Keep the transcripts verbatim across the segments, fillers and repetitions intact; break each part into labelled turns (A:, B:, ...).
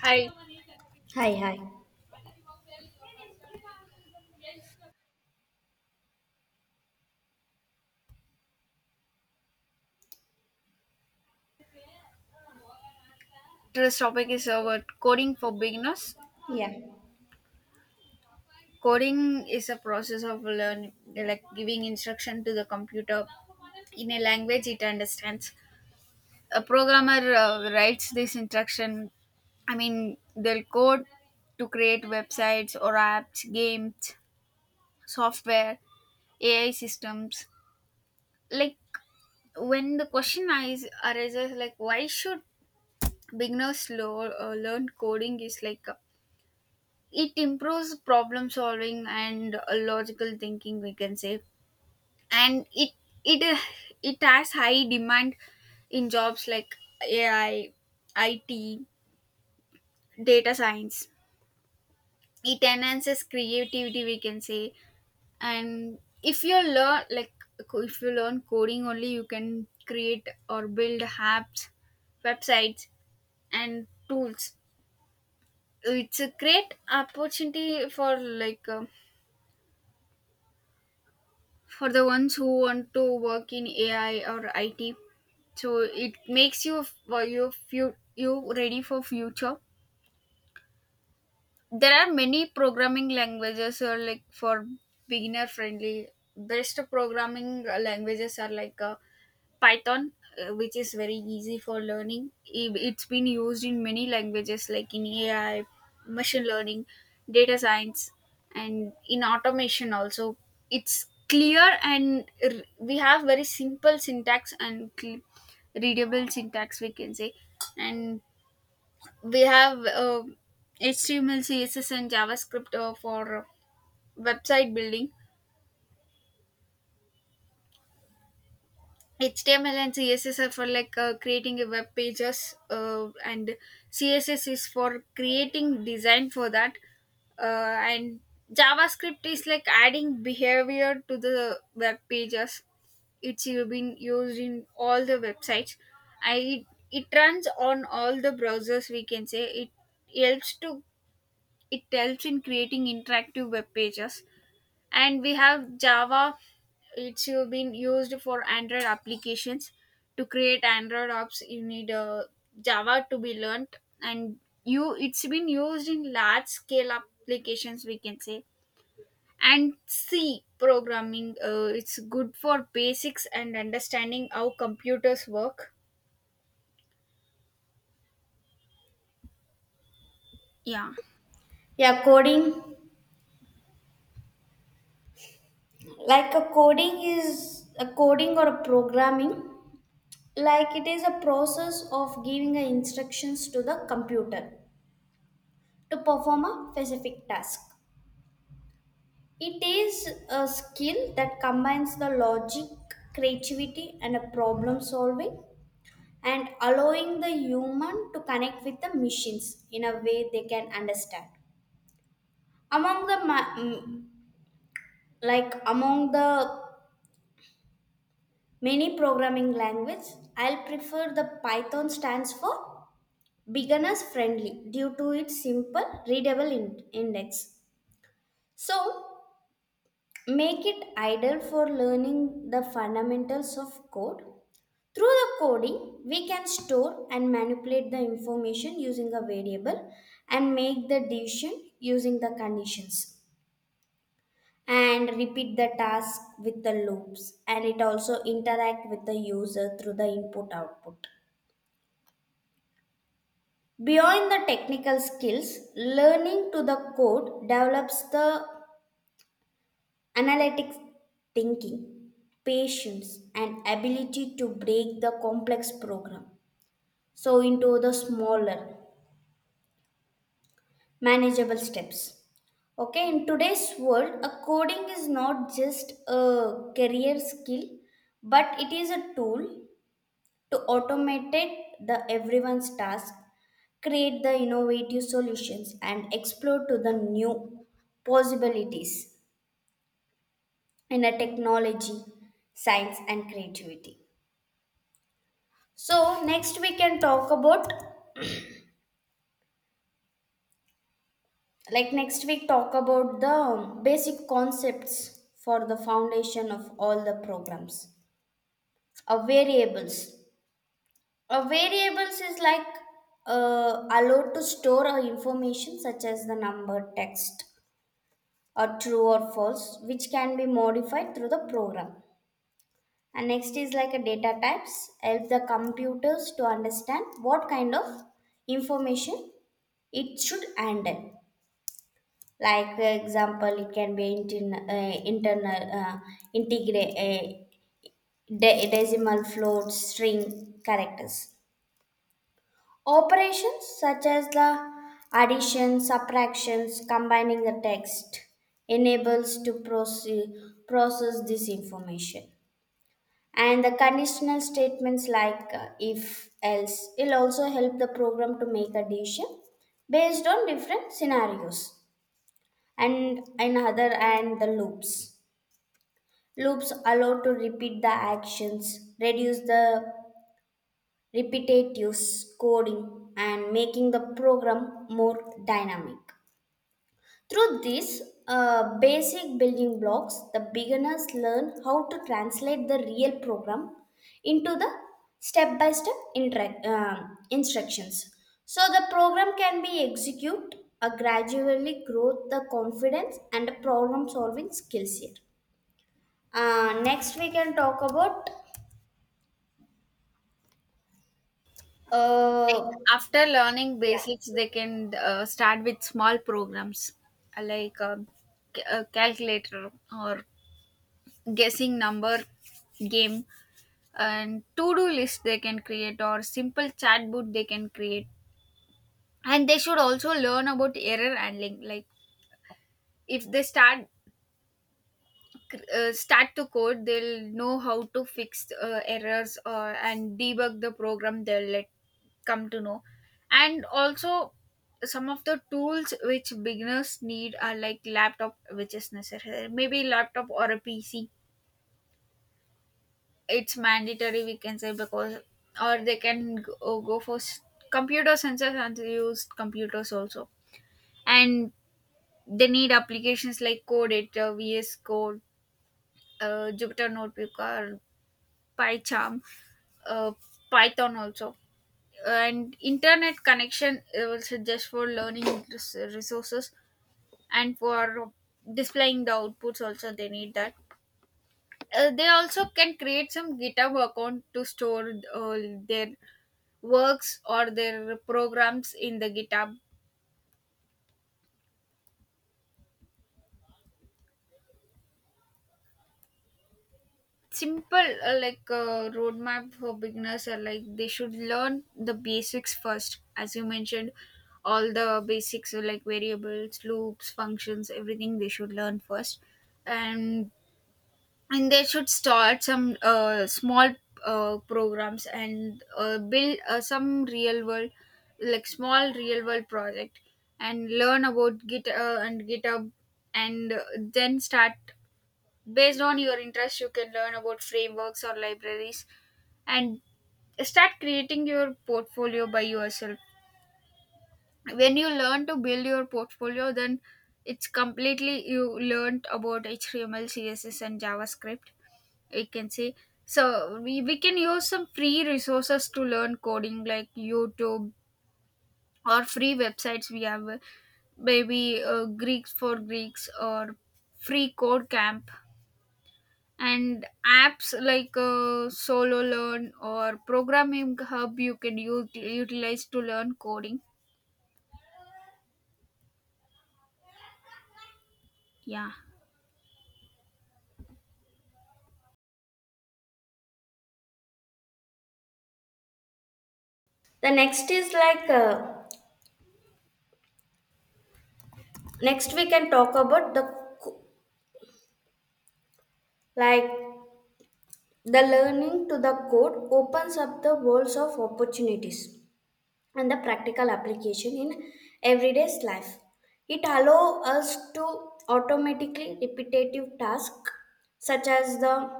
A: Hi,
B: Hi, hi.
A: today's topic is about coding for beginners.
B: Yeah.
A: Coding is a process of learning, like giving instruction to the computer in a language it understands. A programmer uh, writes this instruction. I mean, they'll code to create websites or apps, games, software, A I systems. Like when the question is arises, like why should beginners lo- uh, learn coding? Is like uh, it improves problem solving and uh, logical thinking we can say, and it it uh, it has high demand in jobs like ai, it, data science. It enhances creativity we can say, and if you learn like co- if you learn coding only you can create or build apps, websites and tools. It's a great opportunity for like um, for the ones who want to work in A I or I T. So it makes you, for you you you ready for future. There are many programming languages or like for beginner friendly. Best programming uh, languages are like uh, Python, uh, which is very easy for learning. I- It's been used in many languages like in A I, machine learning, data science, and in automation also. It's clear, and r- we have very simple syntax and cl- readable syntax, we can say. And we have uh, H T M L, C S S, and JavaScript uh, for website building. H T M L and C S S are for like uh, creating a web pages, uh, and C S S is for creating design for that, uh, and JavaScript is like adding behavior to the web pages. It's uh, been used in all the websites. I It runs on all the browsers. We can say it helps to, it helps in creating interactive web pages. And we have java, it's uh, been used for android applications. To create android apps you need uh, java to be learnt, and you it's been used in large scale applications we can say. And c programming, uh, it's good for basics and understanding how computers work, yeah.
B: Yeah, coding. Like a coding is a coding or a programming. Like it is a process of giving a instructions to the computer to perform a specific task. It is a skill that combines the logic, creativity, and a problem solving and allowing the human to connect with the machines in a way they can understand among the ma- mm, like among the many programming language, I'll prefer the Python stands for beginners friendly due to its simple readable in- index. So, make it ideal for learning the fundamentals of code. Through the coding, we can store and manipulate the information using a variable and make the decision using the conditions and repeat the task with the loops and it also interact with the user through the input output. Beyond the technical skills, learning to the code develops the analytic thinking, patience, and ability to break the complex program so into the smaller, manageable steps. Okay, in today's world, a coding is not just a career skill, but it is a tool to automate it, the everyone's task, create the innovative solutions and explore to the new possibilities in a technology, science and creativity. So next we can talk about like next week talk about the um, basic concepts for the foundation of all the programs. A variables. A variables is like uh, allowed to store our information such as the number, text, or true or false, which can be modified through the program. And next is like a data types, help the computers to understand what kind of information it should handle. Like for example, it can be intern- uh, internal, uh, integra- uh, de- decimal float, string characters. Operations such as the addition, subtractions, combining the text enables to proce- process this information. And the conditional statements like uh, if, else will also help the program to make a decision based on different scenarios and another and the loops. Loops allow to repeat the actions, reduce the repetitive coding and making the program more dynamic. Through these uh, basic building blocks, the beginners learn how to translate the real program into the step by step instructions. So the program can be executed, uh, gradually grow the confidence and problem solving skills here. Uh, next, we can talk about uh,
A: Like after learning
B: yeah.
A: basics they can uh, start with small programs, uh, like um, c- a calculator or guessing number game and to-do list they can create, or simple chatbot they can create. And they should also learn about error handling, like if they start uh, start to code they'll know how to fix uh, errors or and debug the program, they'll let come to know. And also some of the tools which beginners need are like laptop, which is necessary, maybe laptop or a pc. It's mandatory we can say, because or they can go, go for s- computer sensors and use computers also. And they need applications like code editor, vs code, uh, jupyter notebook or pycharm, uh, python also, and internet connection uh, also just for learning res- resources, and for displaying the outputs also they need that. Uh, they also can create some github account to store uh, their works or their programs in the GitHub. Simple uh, like uh, roadmap for beginners are like they should learn the basics first, as you mentioned. All the basics are like variables, loops, functions, everything they should learn first, and and they should start some uh, small uh, programs, and uh, build uh, some real world like small real world project, and learn about git uh, and github. And uh, then start, based on your interest you can learn about frameworks or libraries, and start creating your portfolio by yourself. When you learn to build your portfolio then it's completely, you learned about html, css and javascript, I can say. So we, we can use some free resources to learn coding like youtube, or free websites we have, uh, maybe uh, greeks for greeks or free code camp, and apps like uh, solo learn or programming hub you can u- utilize to learn coding, yeah.
B: The next is like uh, Next, we can talk about the co- like the learning to the code opens up the worlds of opportunities and the practical application in everyday life. It allows us to automatically repetitive tasks such as the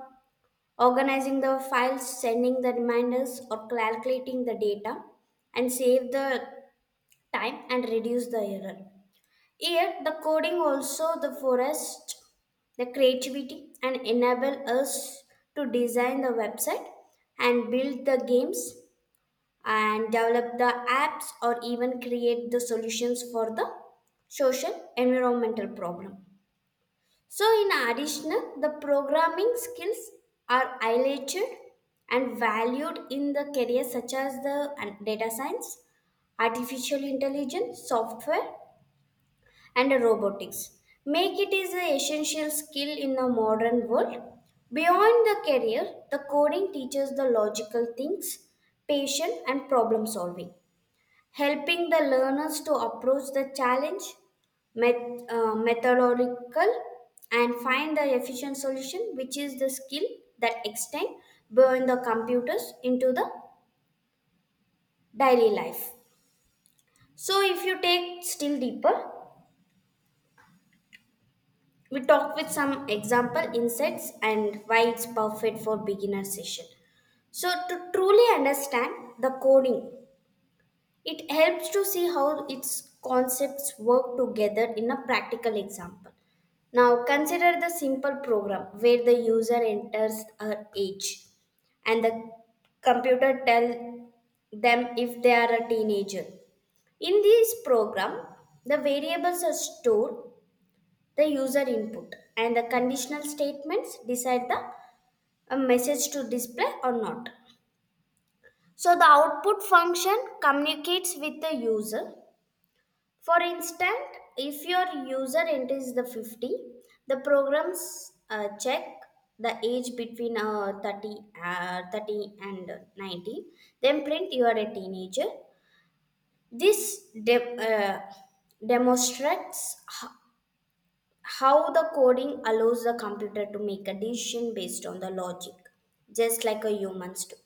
B: organizing the files, sending the reminders, or calculating the data, and save the time and reduce the error. Yet the coding also the forest, the creativity and enable us to design the website and build the games and develop the apps or even create the solutions for the social environmental problem. So in addition, the programming skills are highlighted and valued in the careers such as the uh, data science, artificial intelligence, software and robotics make it is an essential skill in a modern world beyond the career, the coding teaches the logical things, patience and problem solving, helping the learners to approach the challenge met- uh, methodological and find the efficient solution which is the skill that extend beyond the computers into the daily life. So if you take still deeper, we talked with some example insights and why it's perfect for beginner session. So to truly understand the coding, it helps to see how its concepts work together in a practical example. Now consider the simple program where the user enters her age and the computer tell them if they are a teenager. In this program, the variables are stored the user input and the conditional statements decide the uh, message to display or not. So the output function communicates with the user. For instance, if your user enters the fifty, the programs uh, check the age between uh, thirty, uh, thirty and ninety, then print you are a teenager. This de- uh, demonstrates h- how the coding allows the computer to make a decision based on the logic, just like a humans do.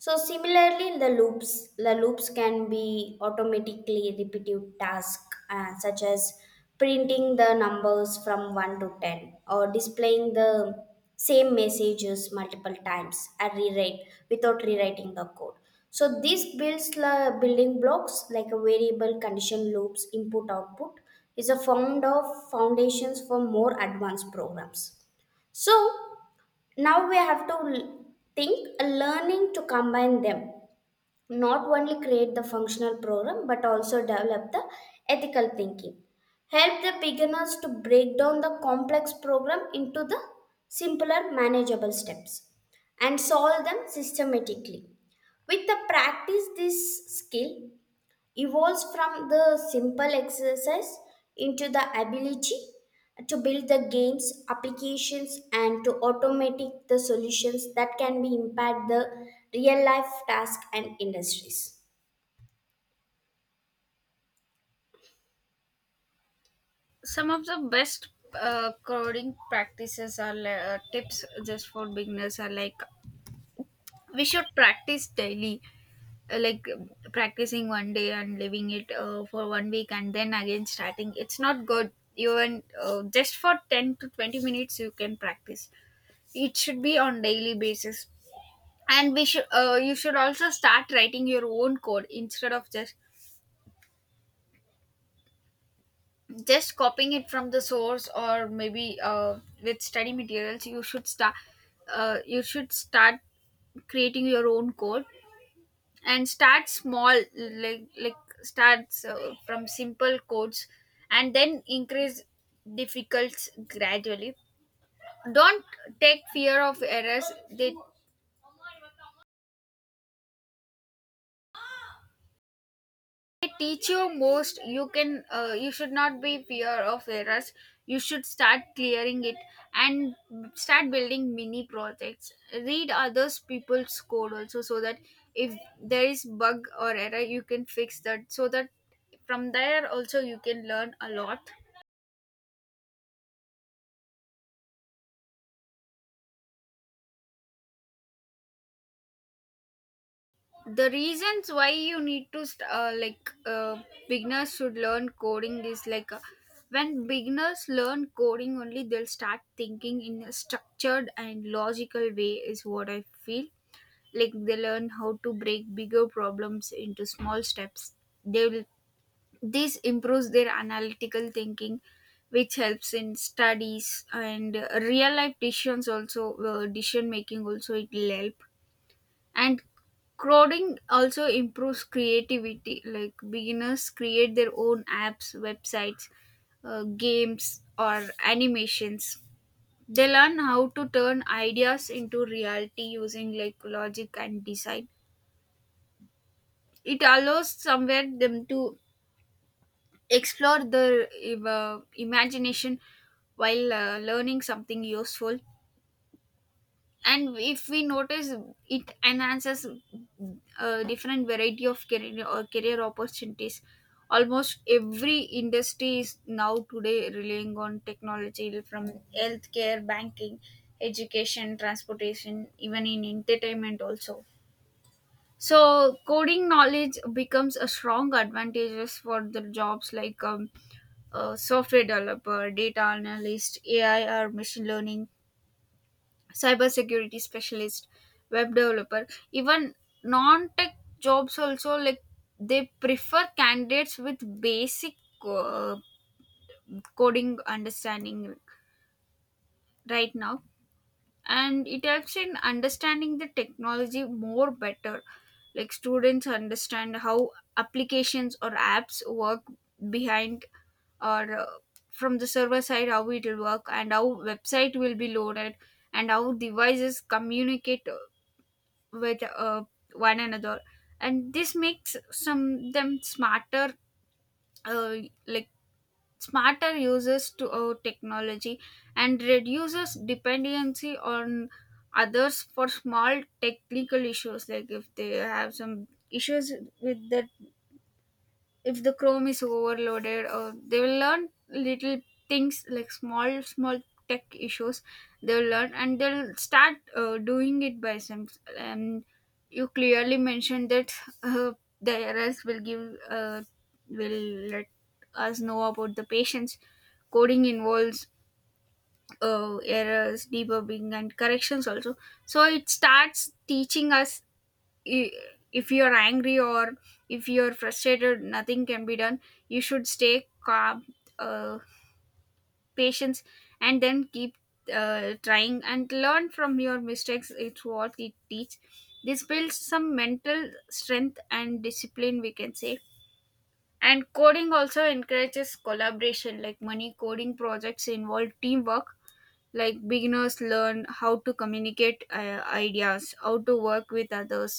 B: So similarly, the loops, the loops can be automatically repetitive tasks uh, such as printing the numbers from one to ten or displaying the same messages multiple times at rewrite without rewriting the code. So this builds the building blocks like a variable condition loops input output is a found of foundations for more advanced programs. So now we have to l- think a learning to combine them, not only create the functional program but also develop the ethical thinking, help the beginners to break down the complex program into the simpler manageable steps and solve them systematically. With the practice this skill evolves from the simple exercise into the ability to build the games applications and to automatic the solutions that can be impact the real life task and industries.
A: Some of the best uh, coding practices or uh, tips just for beginners are like we should practice daily. Uh, like um, Practicing one day and leaving it uh, for one week and then again starting, it's not good. Even uh, just for ten to twenty minutes you can practice, it should be on daily basis. And we should uh, you should also start writing your own code instead of just just copying it from the source, or maybe uh, with study materials you should start uh, you should start creating your own code. And start small, like like starts uh, from simple codes and then increase difficulties gradually. Don't take fear of errors, they, they teach you most. You can uh, you should not be fear of errors, you should start clearing it. And start building mini projects, read others people's code also so that if there is bug or error you can fix that, so that from there also you can learn a lot. The reasons why you need to st- uh, like uh, beginners should learn coding is like, uh, when beginners learn coding only they'll start thinking in a structured and logical way is what I feel. Like they learn how to break bigger problems into small steps. They will This improves their analytical thinking, which helps in studies and uh, real life decisions also, uh, decision making also it will help. And coding also improves creativity. Like beginners create their own apps, websites, uh, games, or animations. They learn how to turn ideas into reality using like logic and design. It allows somewhere them to explore their uh, imagination while uh, learning something useful. And if we notice, it enhances a different variety of career or career opportunities. Almost every industry is now today relying on technology, from healthcare, banking, education, transportation, even in entertainment also. So coding knowledge becomes a strong advantages for the jobs like um, uh, software developer, data analyst, ai or machine learning, cybersecurity specialist, web developer. Even non tech jobs also like they prefer candidates with basic uh, coding understanding right now. And it helps in understanding the technology more better. Like students understand how applications or apps work behind, or uh, from the server side how it will work, and how website will be loaded, and how devices communicate uh, with uh, one another. And this makes some them smarter, uh, like smarter users to uh, technology, and reduces dependency on others for small technical issues. Like if they have some issues with the, if the chrome is overloaded, or they will learn little things like small small tech issues, they'll learn and they'll start uh, doing it by themselves. And you clearly mentioned that uh, the errors will give, uh, will let us know about the patients. Coding involves uh, errors, debugging and corrections also. So it starts teaching us, i- if you're angry or if you're frustrated nothing can be done. You should stay calm, uh, patience, and then keep uh, trying and learn from your mistakes, it's what it teach. This builds some mental strength and discipline we can say. And coding also encourages collaboration. Like many coding projects involve teamwork, like beginners learn how to communicate uh, ideas, how to work with others,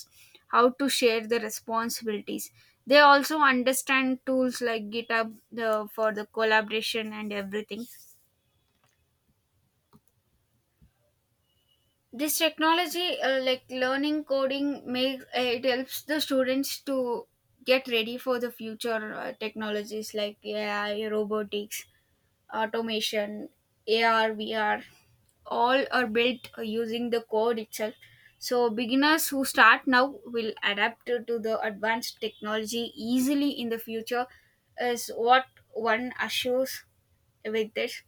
A: how to share the responsibilities. They also understand tools like github, the, for the collaboration and everything. This technology, uh, like learning coding makes, uh, it helps the students to get ready for the future uh, technologies like ai, robotics, automation, A R, V R, all are built using the code itself. So beginners who start now will adapt to to the advanced technology easily in the future, is what one assures with this.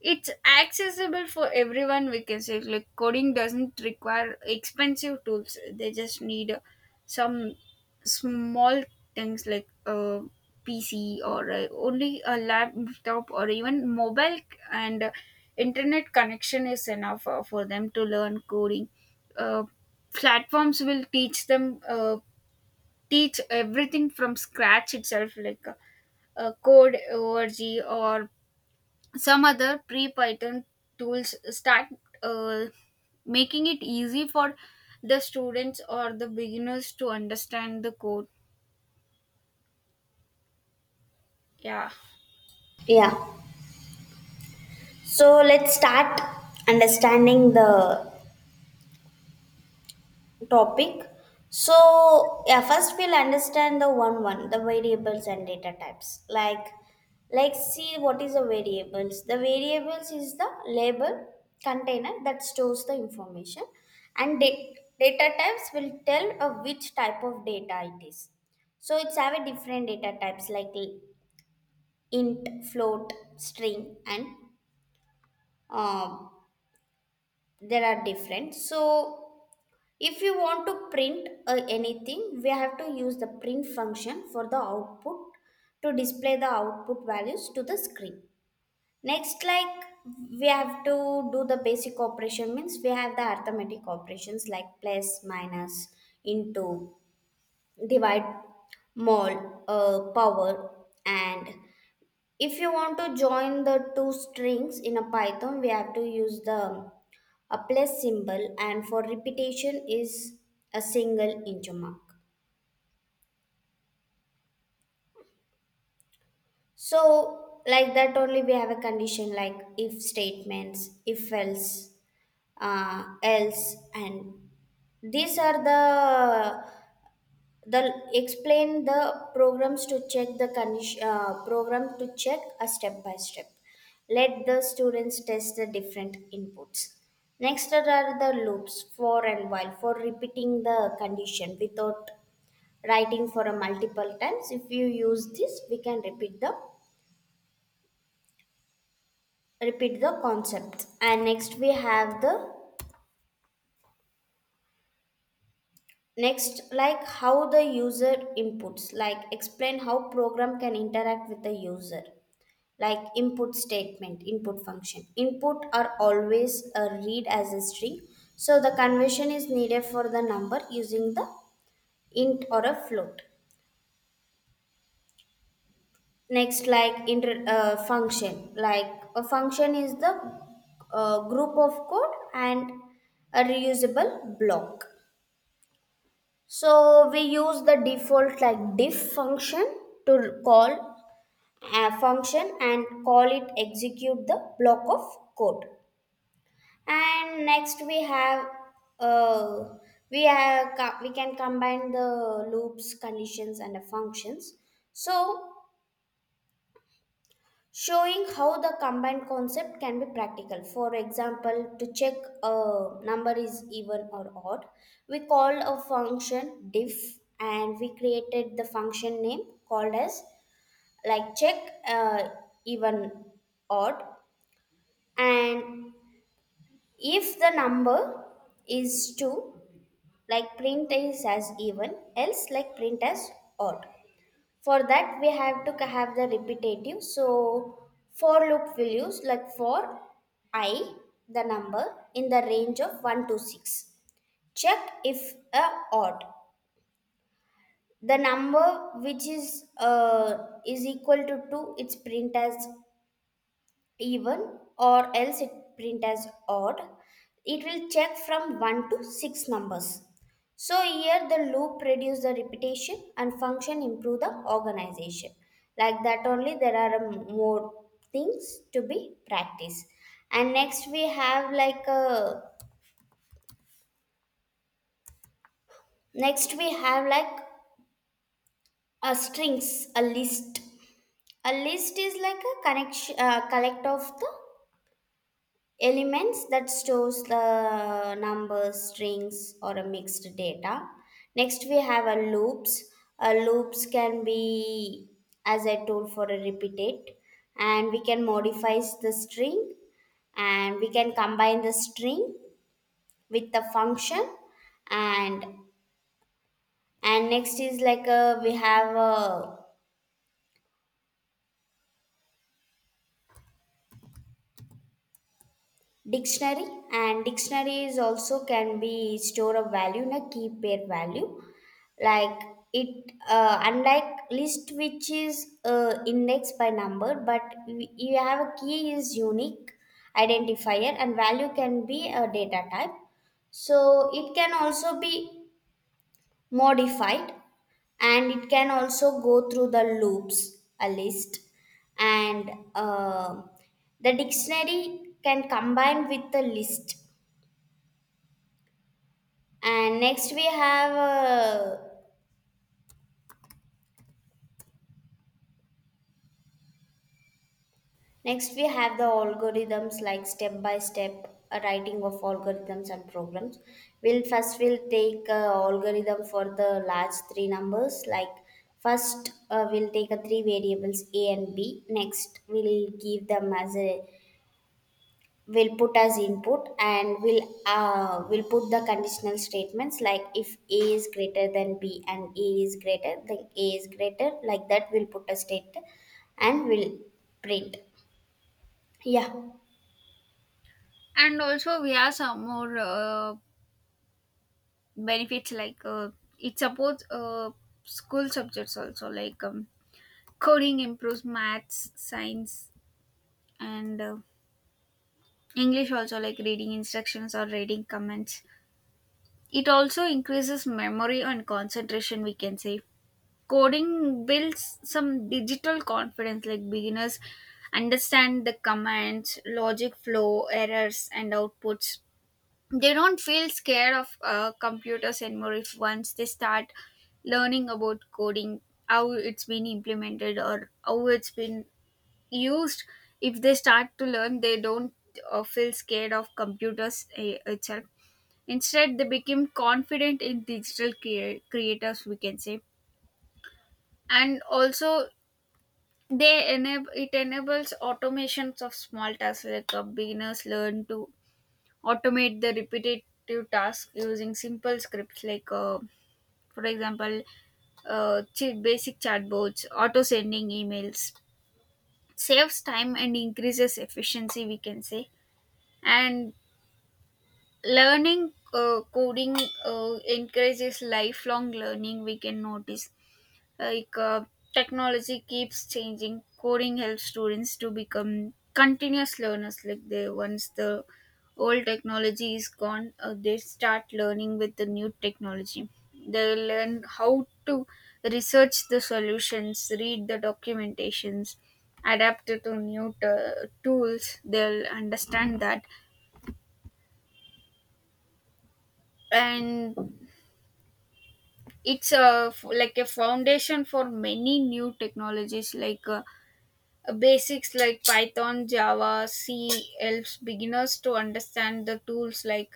A: It's accessible for everyone, we can say. Like, coding doesn't require expensive tools, they just need uh, some small things like a P C, or uh, only a laptop, or even mobile c- and uh, internet connection is enough uh, for them to learn coding. Uh, Platforms will teach them, uh, teach everything from scratch itself, like uh, uh, code org or some other pre-python tools start, uh, making it easy for the students or the beginners to understand the code. Yeah,
B: Yeah, so let's start understanding the topic. So yeah, first we'll understand the one one, the variables and data types. Like like see what is the variables. The variables is the label container that stores the information and da- data types will tell of which type of data it is. So it's have a different data types like l- int, float, string and um, there are different. So if you want to print uh, anything, we have to use the print function for the output to display the output values to the screen. Next, like we have to do the basic operation means we have the arithmetic operations like plus, minus, into, divide, mol, uh, power, and if you want to join the two strings in a Python, we have to use the a plus symbol, and for repetition is a single inch mark. So, like that only we have a condition like if statements, if else, uh, else, and these are the the explain the programs to check the condition, uh, program to check a step by step, let the students test the different inputs. Next there are the loops for and while for repeating the condition without writing for a multiple times. If you use this we can repeat the repeat the concept. And next we have the next like how the user inputs, like explain how program can interact with the user, like input statement, input function, input are always uh, read as a string, so the conversion is needed for the number using the int or a float. Next like inter, uh, function like a function is the uh, group of code and a reusable block, so we use the default like diff function to call a function and call it execute the block of code. And next we have uh, we have co- we can combine the loops, conditions, and the functions. So showing how the combined concept can be practical. For example, to check a number is even or odd, we called a function diff, and we created the function name called as like check uh, even odd, and if the number is two like print is as even, else like print as odd. For that we have to have the repetitive, so for loop will use like for I the number in the range of one to six, check if a odd the number which is uh, is equal to two it's print as even or else it print as odd. It will check from one to six numbers. So here the loop reduce the repetition and function improve the organization. Like that only there are um, more things to be practiced. And next we have like a next we have like a strings a list. A list is like a connection uh, collect of the elements that stores the numbers strings or a mixed data. Next we have a loops. A loops can be as I told for a repeat it, and we can modify the string and we can combine the string with the function. And and next is like a, we have a dictionary. And dictionaries also can be store of value na keep their value. Like it uh, unlike list which is uh, indexed by number but we- you have a key is unique identifier and value can be a data type. So it can also be modified and it can also go through the loops a list. And uh, the dictionary can combine with the list. And next we have uh, next we have the algorithms like step by step uh, writing of algorithms and programs. We'll first we'll take uh, algorithm for the large three numbers like first uh, we'll take a three variables a and b, next we'll give them as a, will put as input and will uh, will put the conditional statements like if a is greater than b and a is greater then a is greater, like that we'll put a state and we'll print. Yeah.
A: and also we have some more uh, benefits like, uh, it supports uh, school subjects also, like um, coding improves maths, science, and uh, english also, like reading instructions or reading comments. It also increases memory and concentration, we can say. Coding builds some digital confidence, like beginners understand the commands, logic flow, errors, and outputs. They don't feel scared of uh, computers anymore if once they start learning about coding, how it's been implemented or how it's been used. If they start to learn, they don't uh, feel scared of computers eh, itself. Instead, they became confident in digital crea- creators, we can say. And also, they enable, it enables automations of small tasks, like uh, beginners learn to automate the repetitive tasks using simple scripts, like uh, for example, uh, ch- basic chatbots, auto sending emails, saves time and increases efficiency, we can say. And learning uh, coding uh, encourages lifelong learning, we can notice. Like uh, technology keeps changing, coding helps students to become continuous learners. Like they, once the old technology is gone, uh, they start learning with the new technology. They learn how to research the solutions, read the documentations, adapt it to new t- tools, they'll understand that. And it's a f- like a foundation for many new technologies, like uh, Uh, basics like Python, Java, C helps beginners to understand the tools, like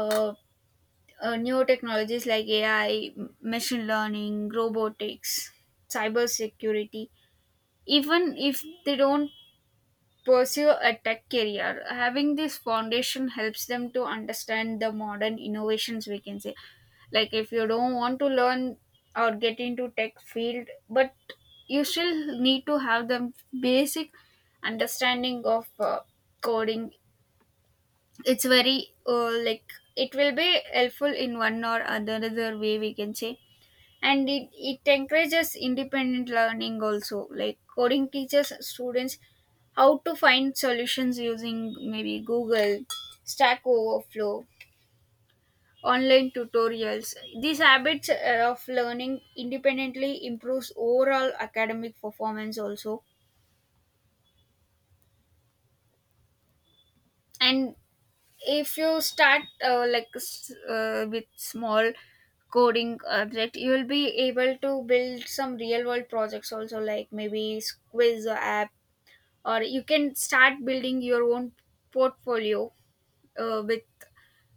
A: uh, uh, new technologies like A I, machine learning, robotics, cybersecurity. Even if they don't pursue a tech career, having this foundation helps them to understand the modern innovations, we can say. Like if you don't want to learn or get into tech field, but you still need to have the basic understanding of uh, coding. It's very uh, like it will be helpful in one or another way, we can say. And it, it encourages independent learning also, like coding teaches students how to find solutions using maybe google, stack overflow, online tutorials. These habits uh, of learning independently improves overall academic performance also. And if you start uh, like s- uh, with small coding object, you will be able to build some real world projects also, like maybe quiz app, or you can start building your own portfolio uh, with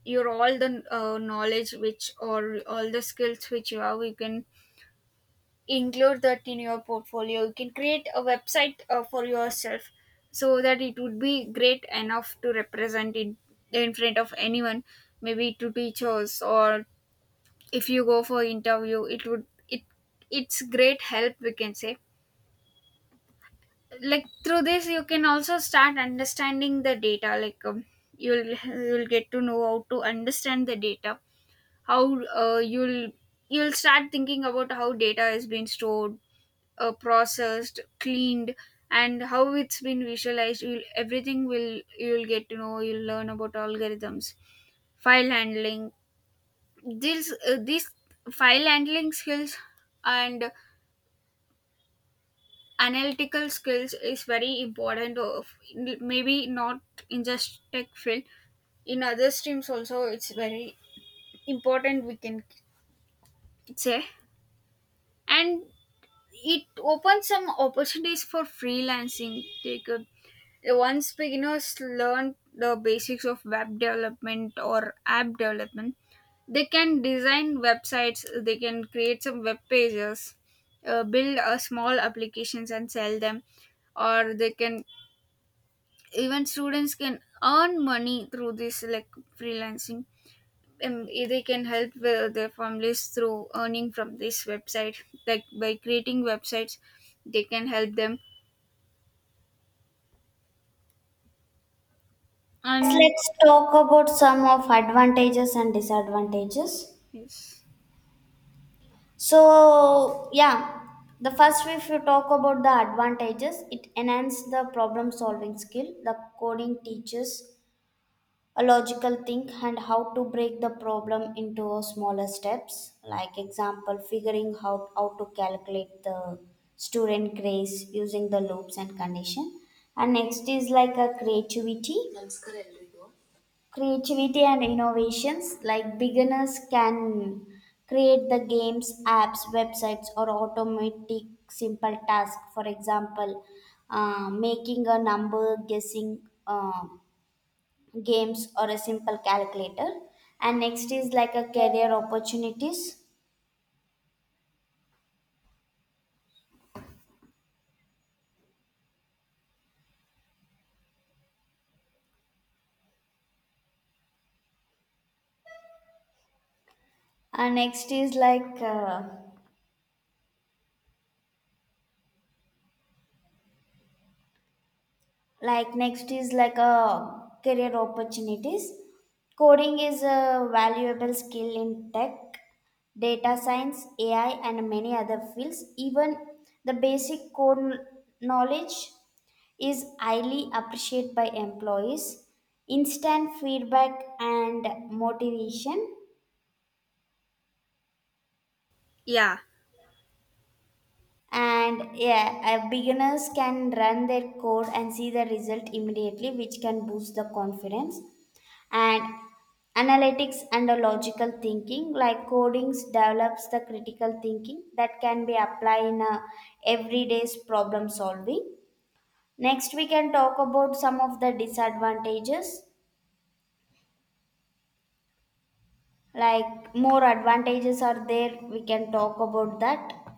A: your all the uh, knowledge which, or all the skills which you have, you can include that in your portfolio. You can create a website uh, for yourself, so that it would be great enough to represent it in front of anyone, maybe to teachers, or if you go for interview, it would it it's great help, we can say. Like through this you can also start understanding the data, like um, you'll you'll get to know how to understand the data, how uh, you'll you'll start thinking about how data is being stored, uh, processed, cleaned, and how it's been visualized. You'll, everything will, you'll get to know, you'll learn about algorithms, file handling. These uh, these file handling skills and analytical skills is very important, of maybe not in just tech field, in other streams also it's very important, we can say. And it opens some opportunities for freelancing. They could, once beginners learn the basics of web development or app development, they can design websites, they can create some web pages, uh, build a small applications and sell them. Or they can, even students can earn money through this, like freelancing. And they can help uh, their families through earning from this website, like by creating websites they can help them.
B: Yes,
A: And
B: let's talk about some of advantages and disadvantages.
A: yes,
B: So yeah, the first if you talk about the advantages, it enhances the problem solving skill. The coding teaches a logical think and how to break the problem into smaller steps, like example figuring out how to calculate the student grace using the loops and condition. And next is like a creativity creativity and innovations. Like beginners can create the games apps websites or automatic simple task. For example, uh, making a number guessing uh, games or a simple calculator. And next is like a career opportunities, and next is like uh, like next is like a career opportunities. Coding is a valuable skill in tech, data science, ai and many other fields. Even the basic code knowledge is highly appreciated by employees. Instant feedback and motivation.
A: yeah.
B: And yeah, uh, beginners can run their code and see the result immediately, which can boost the confidence. And analytics and the logical thinking, like codings, develops the critical thinking that can be applied in a everyday's problem solving. Next, we can talk about some of the disadvantages. Like more advantages are there, we can talk about that.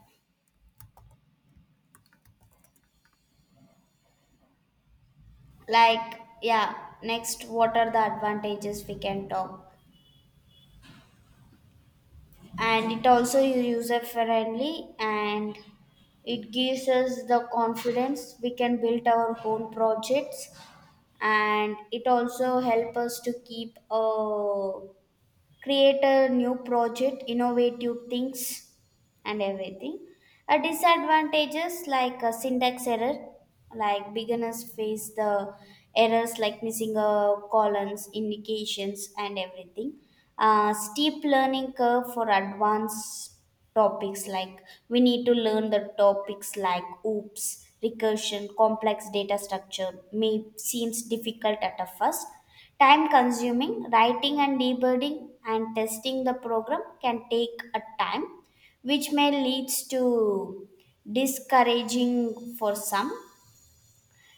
B: Like yeah, next, what are the advantages we can talk? And it also is user friendly and it gives us the confidence, we can build our own projects, and it also help us to keep a create a new project innovative things and everything. A disadvantages like a syntax error, like beginners face the errors like missing a columns, indications, and everything. Uh, steep learning curve for advanced topics, like we need to learn the topics like oops, recursion, complex data structure may seems difficult at a first. Time consuming, writing and debugging and testing the program can take a time which may leads to discouraging for some.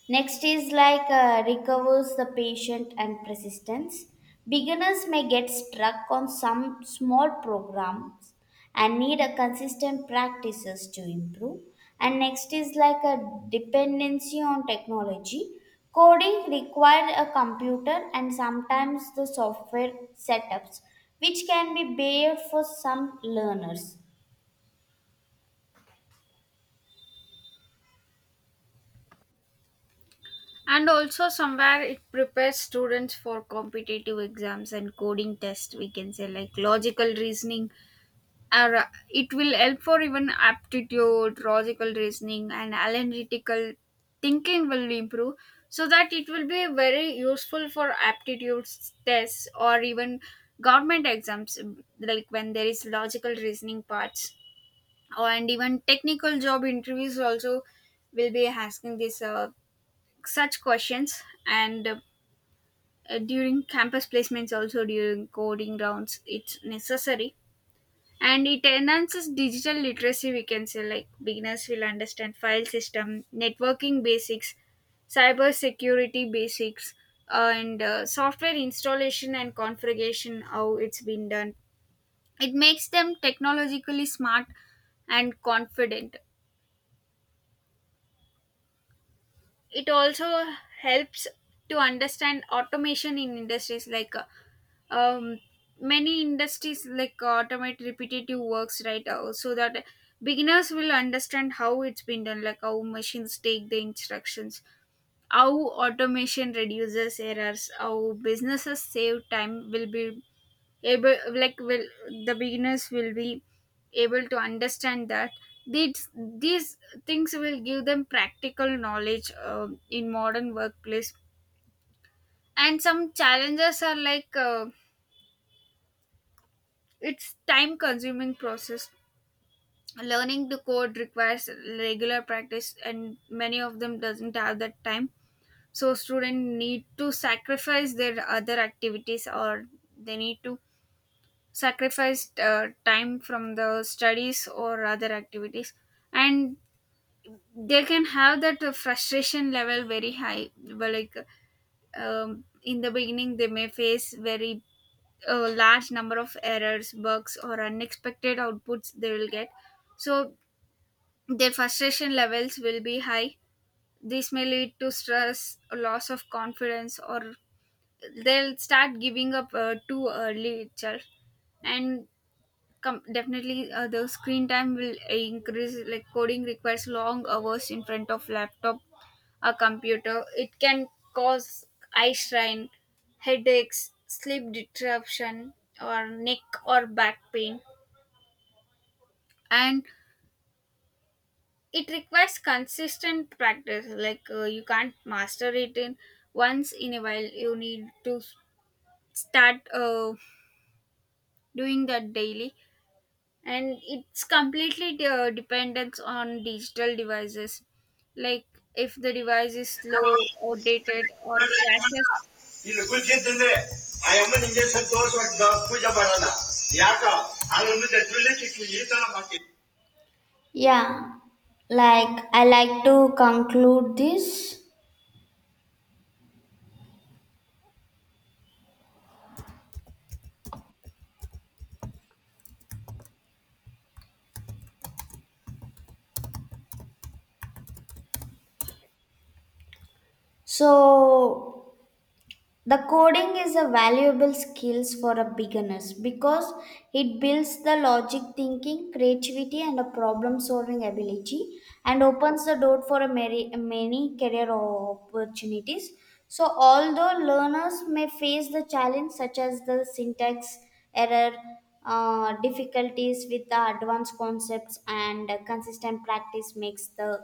B: Next is like uh, recovers the patient and persistence. Beginners may get stuck on some small programs and need a consistent practices to improve. And next is like a dependency on technology. Coding require a computer and sometimes the software setups which can be bare for some learners.
A: And also somewhere it prepares students for competitive exams and coding tests, we can say, like logical reasoning. Or, uh, it will help for even aptitude, logical reasoning, and analytical thinking will improve. So that it will be very useful for aptitude tests or even government exams, like when there is logical reasoning parts, or and even technical job interviews also will be asking this uh, such questions. And. Uh, during campus placements also, during coding rounds it's necessary. And it enhances digital literacy, we can say, like beginners will understand file system, networking basics, cyber security basics, uh, and uh, software installation and configuration, how it's been done. It makes them technologically smart and confident. It also helps to understand automation in industries, like uh, um, many industries like uh, automate repetitive works, right? Uh, so that beginners will understand how it's been done, like how machines take the instructions, how automation reduces errors, how businesses save time. Will be able, like will, the beginners will be able to understand that. These these things will give them practical knowledge uh, in modern workplace. And some challenges are, like uh, it's time consuming process. Learning to code requires regular practice and many of them doesn't have that time, so students need to sacrifice their other activities, or they need to sacrificed uh, time from the studies or other activities. And they can have that uh, frustration level very high. Well, like um, in the beginning they may face very uh, large number of errors, bugs, or unexpected outputs they will get. So their frustration levels will be high. This may lead to stress, a loss of confidence, or they'll start giving up uh, too early itself. And com- definitely uh, the screen time will increase, like coding requires long hours in front of laptop or computer. It can cause eye strain, headaches, sleep disruption, or neck or back pain. And it requires consistent practice, like uh, you can't master it in once in a while, you need to start uh, doing that daily. And it's completely de- dependent on digital devices, like if the device is slow or dated or crashes.
B: ಗುಲ್ಜಿತ್ತಂದ್ರೆ ಆ ಅಮ್ಮನ injection ತೋರಿಸುವಾಗ ಪೂಜೆ ಮಾಡಲ್ಲ ಯಾಕ ಈ ತರ ಮಾಡ್ತೀವಿ. Yeah, like I like to conclude this so. The coding is a valuable skills for a beginners because it builds the logic thinking, creativity and a problem solving ability and opens the door for a many, many career opportunities. So although learners may face the challenge such as the syntax error, uh, difficulties with the advanced concepts and uh, consistent practice makes the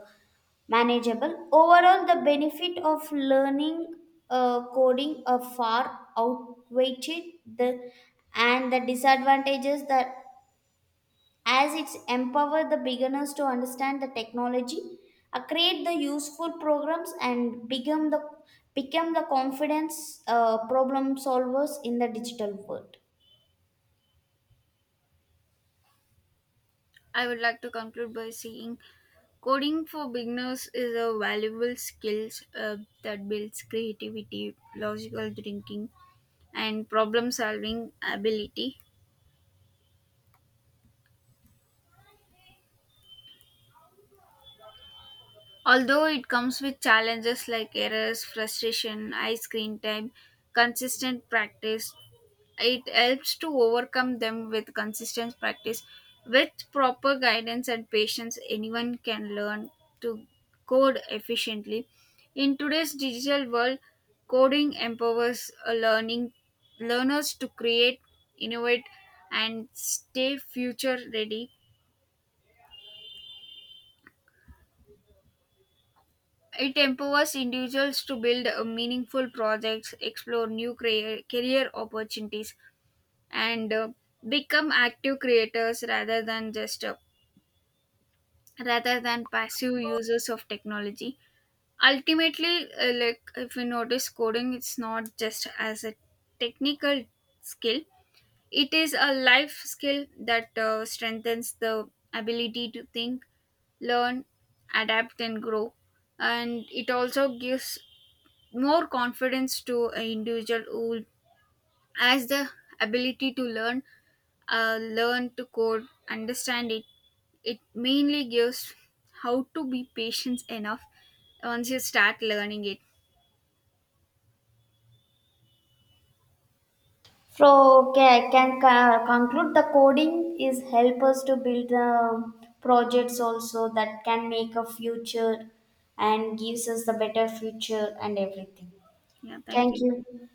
B: manageable. Overall, the benefit of learning uh, coding uh, far outweighed the and the disadvantages that as it's empower the beginners to understand the technology, uh, create the useful programs and become the become the confidence uh, problem solvers in the digital world.
A: I would like to conclude by saying coding for beginners is a valuable skill uh, that builds creativity, logical thinking, and problem solving ability. Although it comes with challenges like errors, frustration, high screen time, consistent practice, it helps to overcome them with consistent practice. With proper guidance and patience, anyone can learn to code efficiently. In today's digital world, coding empowers a learning learners to create, innovate, and stay future ready. It empowers individuals to build a meaningful projects, explore new career, career opportunities, and uh, become active creators rather than just uh, rather than passive users of technology. Ultimately, uh, like if you notice, coding, it's not just as a technical skill, it is a life skill that uh, strengthens the ability to think, learn, adapt, and grow. And it also gives more confidence to an individual who has the ability to learn, uh, learn to code, understand it. It mainly gives how to be patient enough once you start learning it.
B: So okay, I can co- conclude the coding is help us to build um, projects also that can make a future and gives us the better future and everything.
A: Yeah, thank
B: Thank
A: you.
B: you.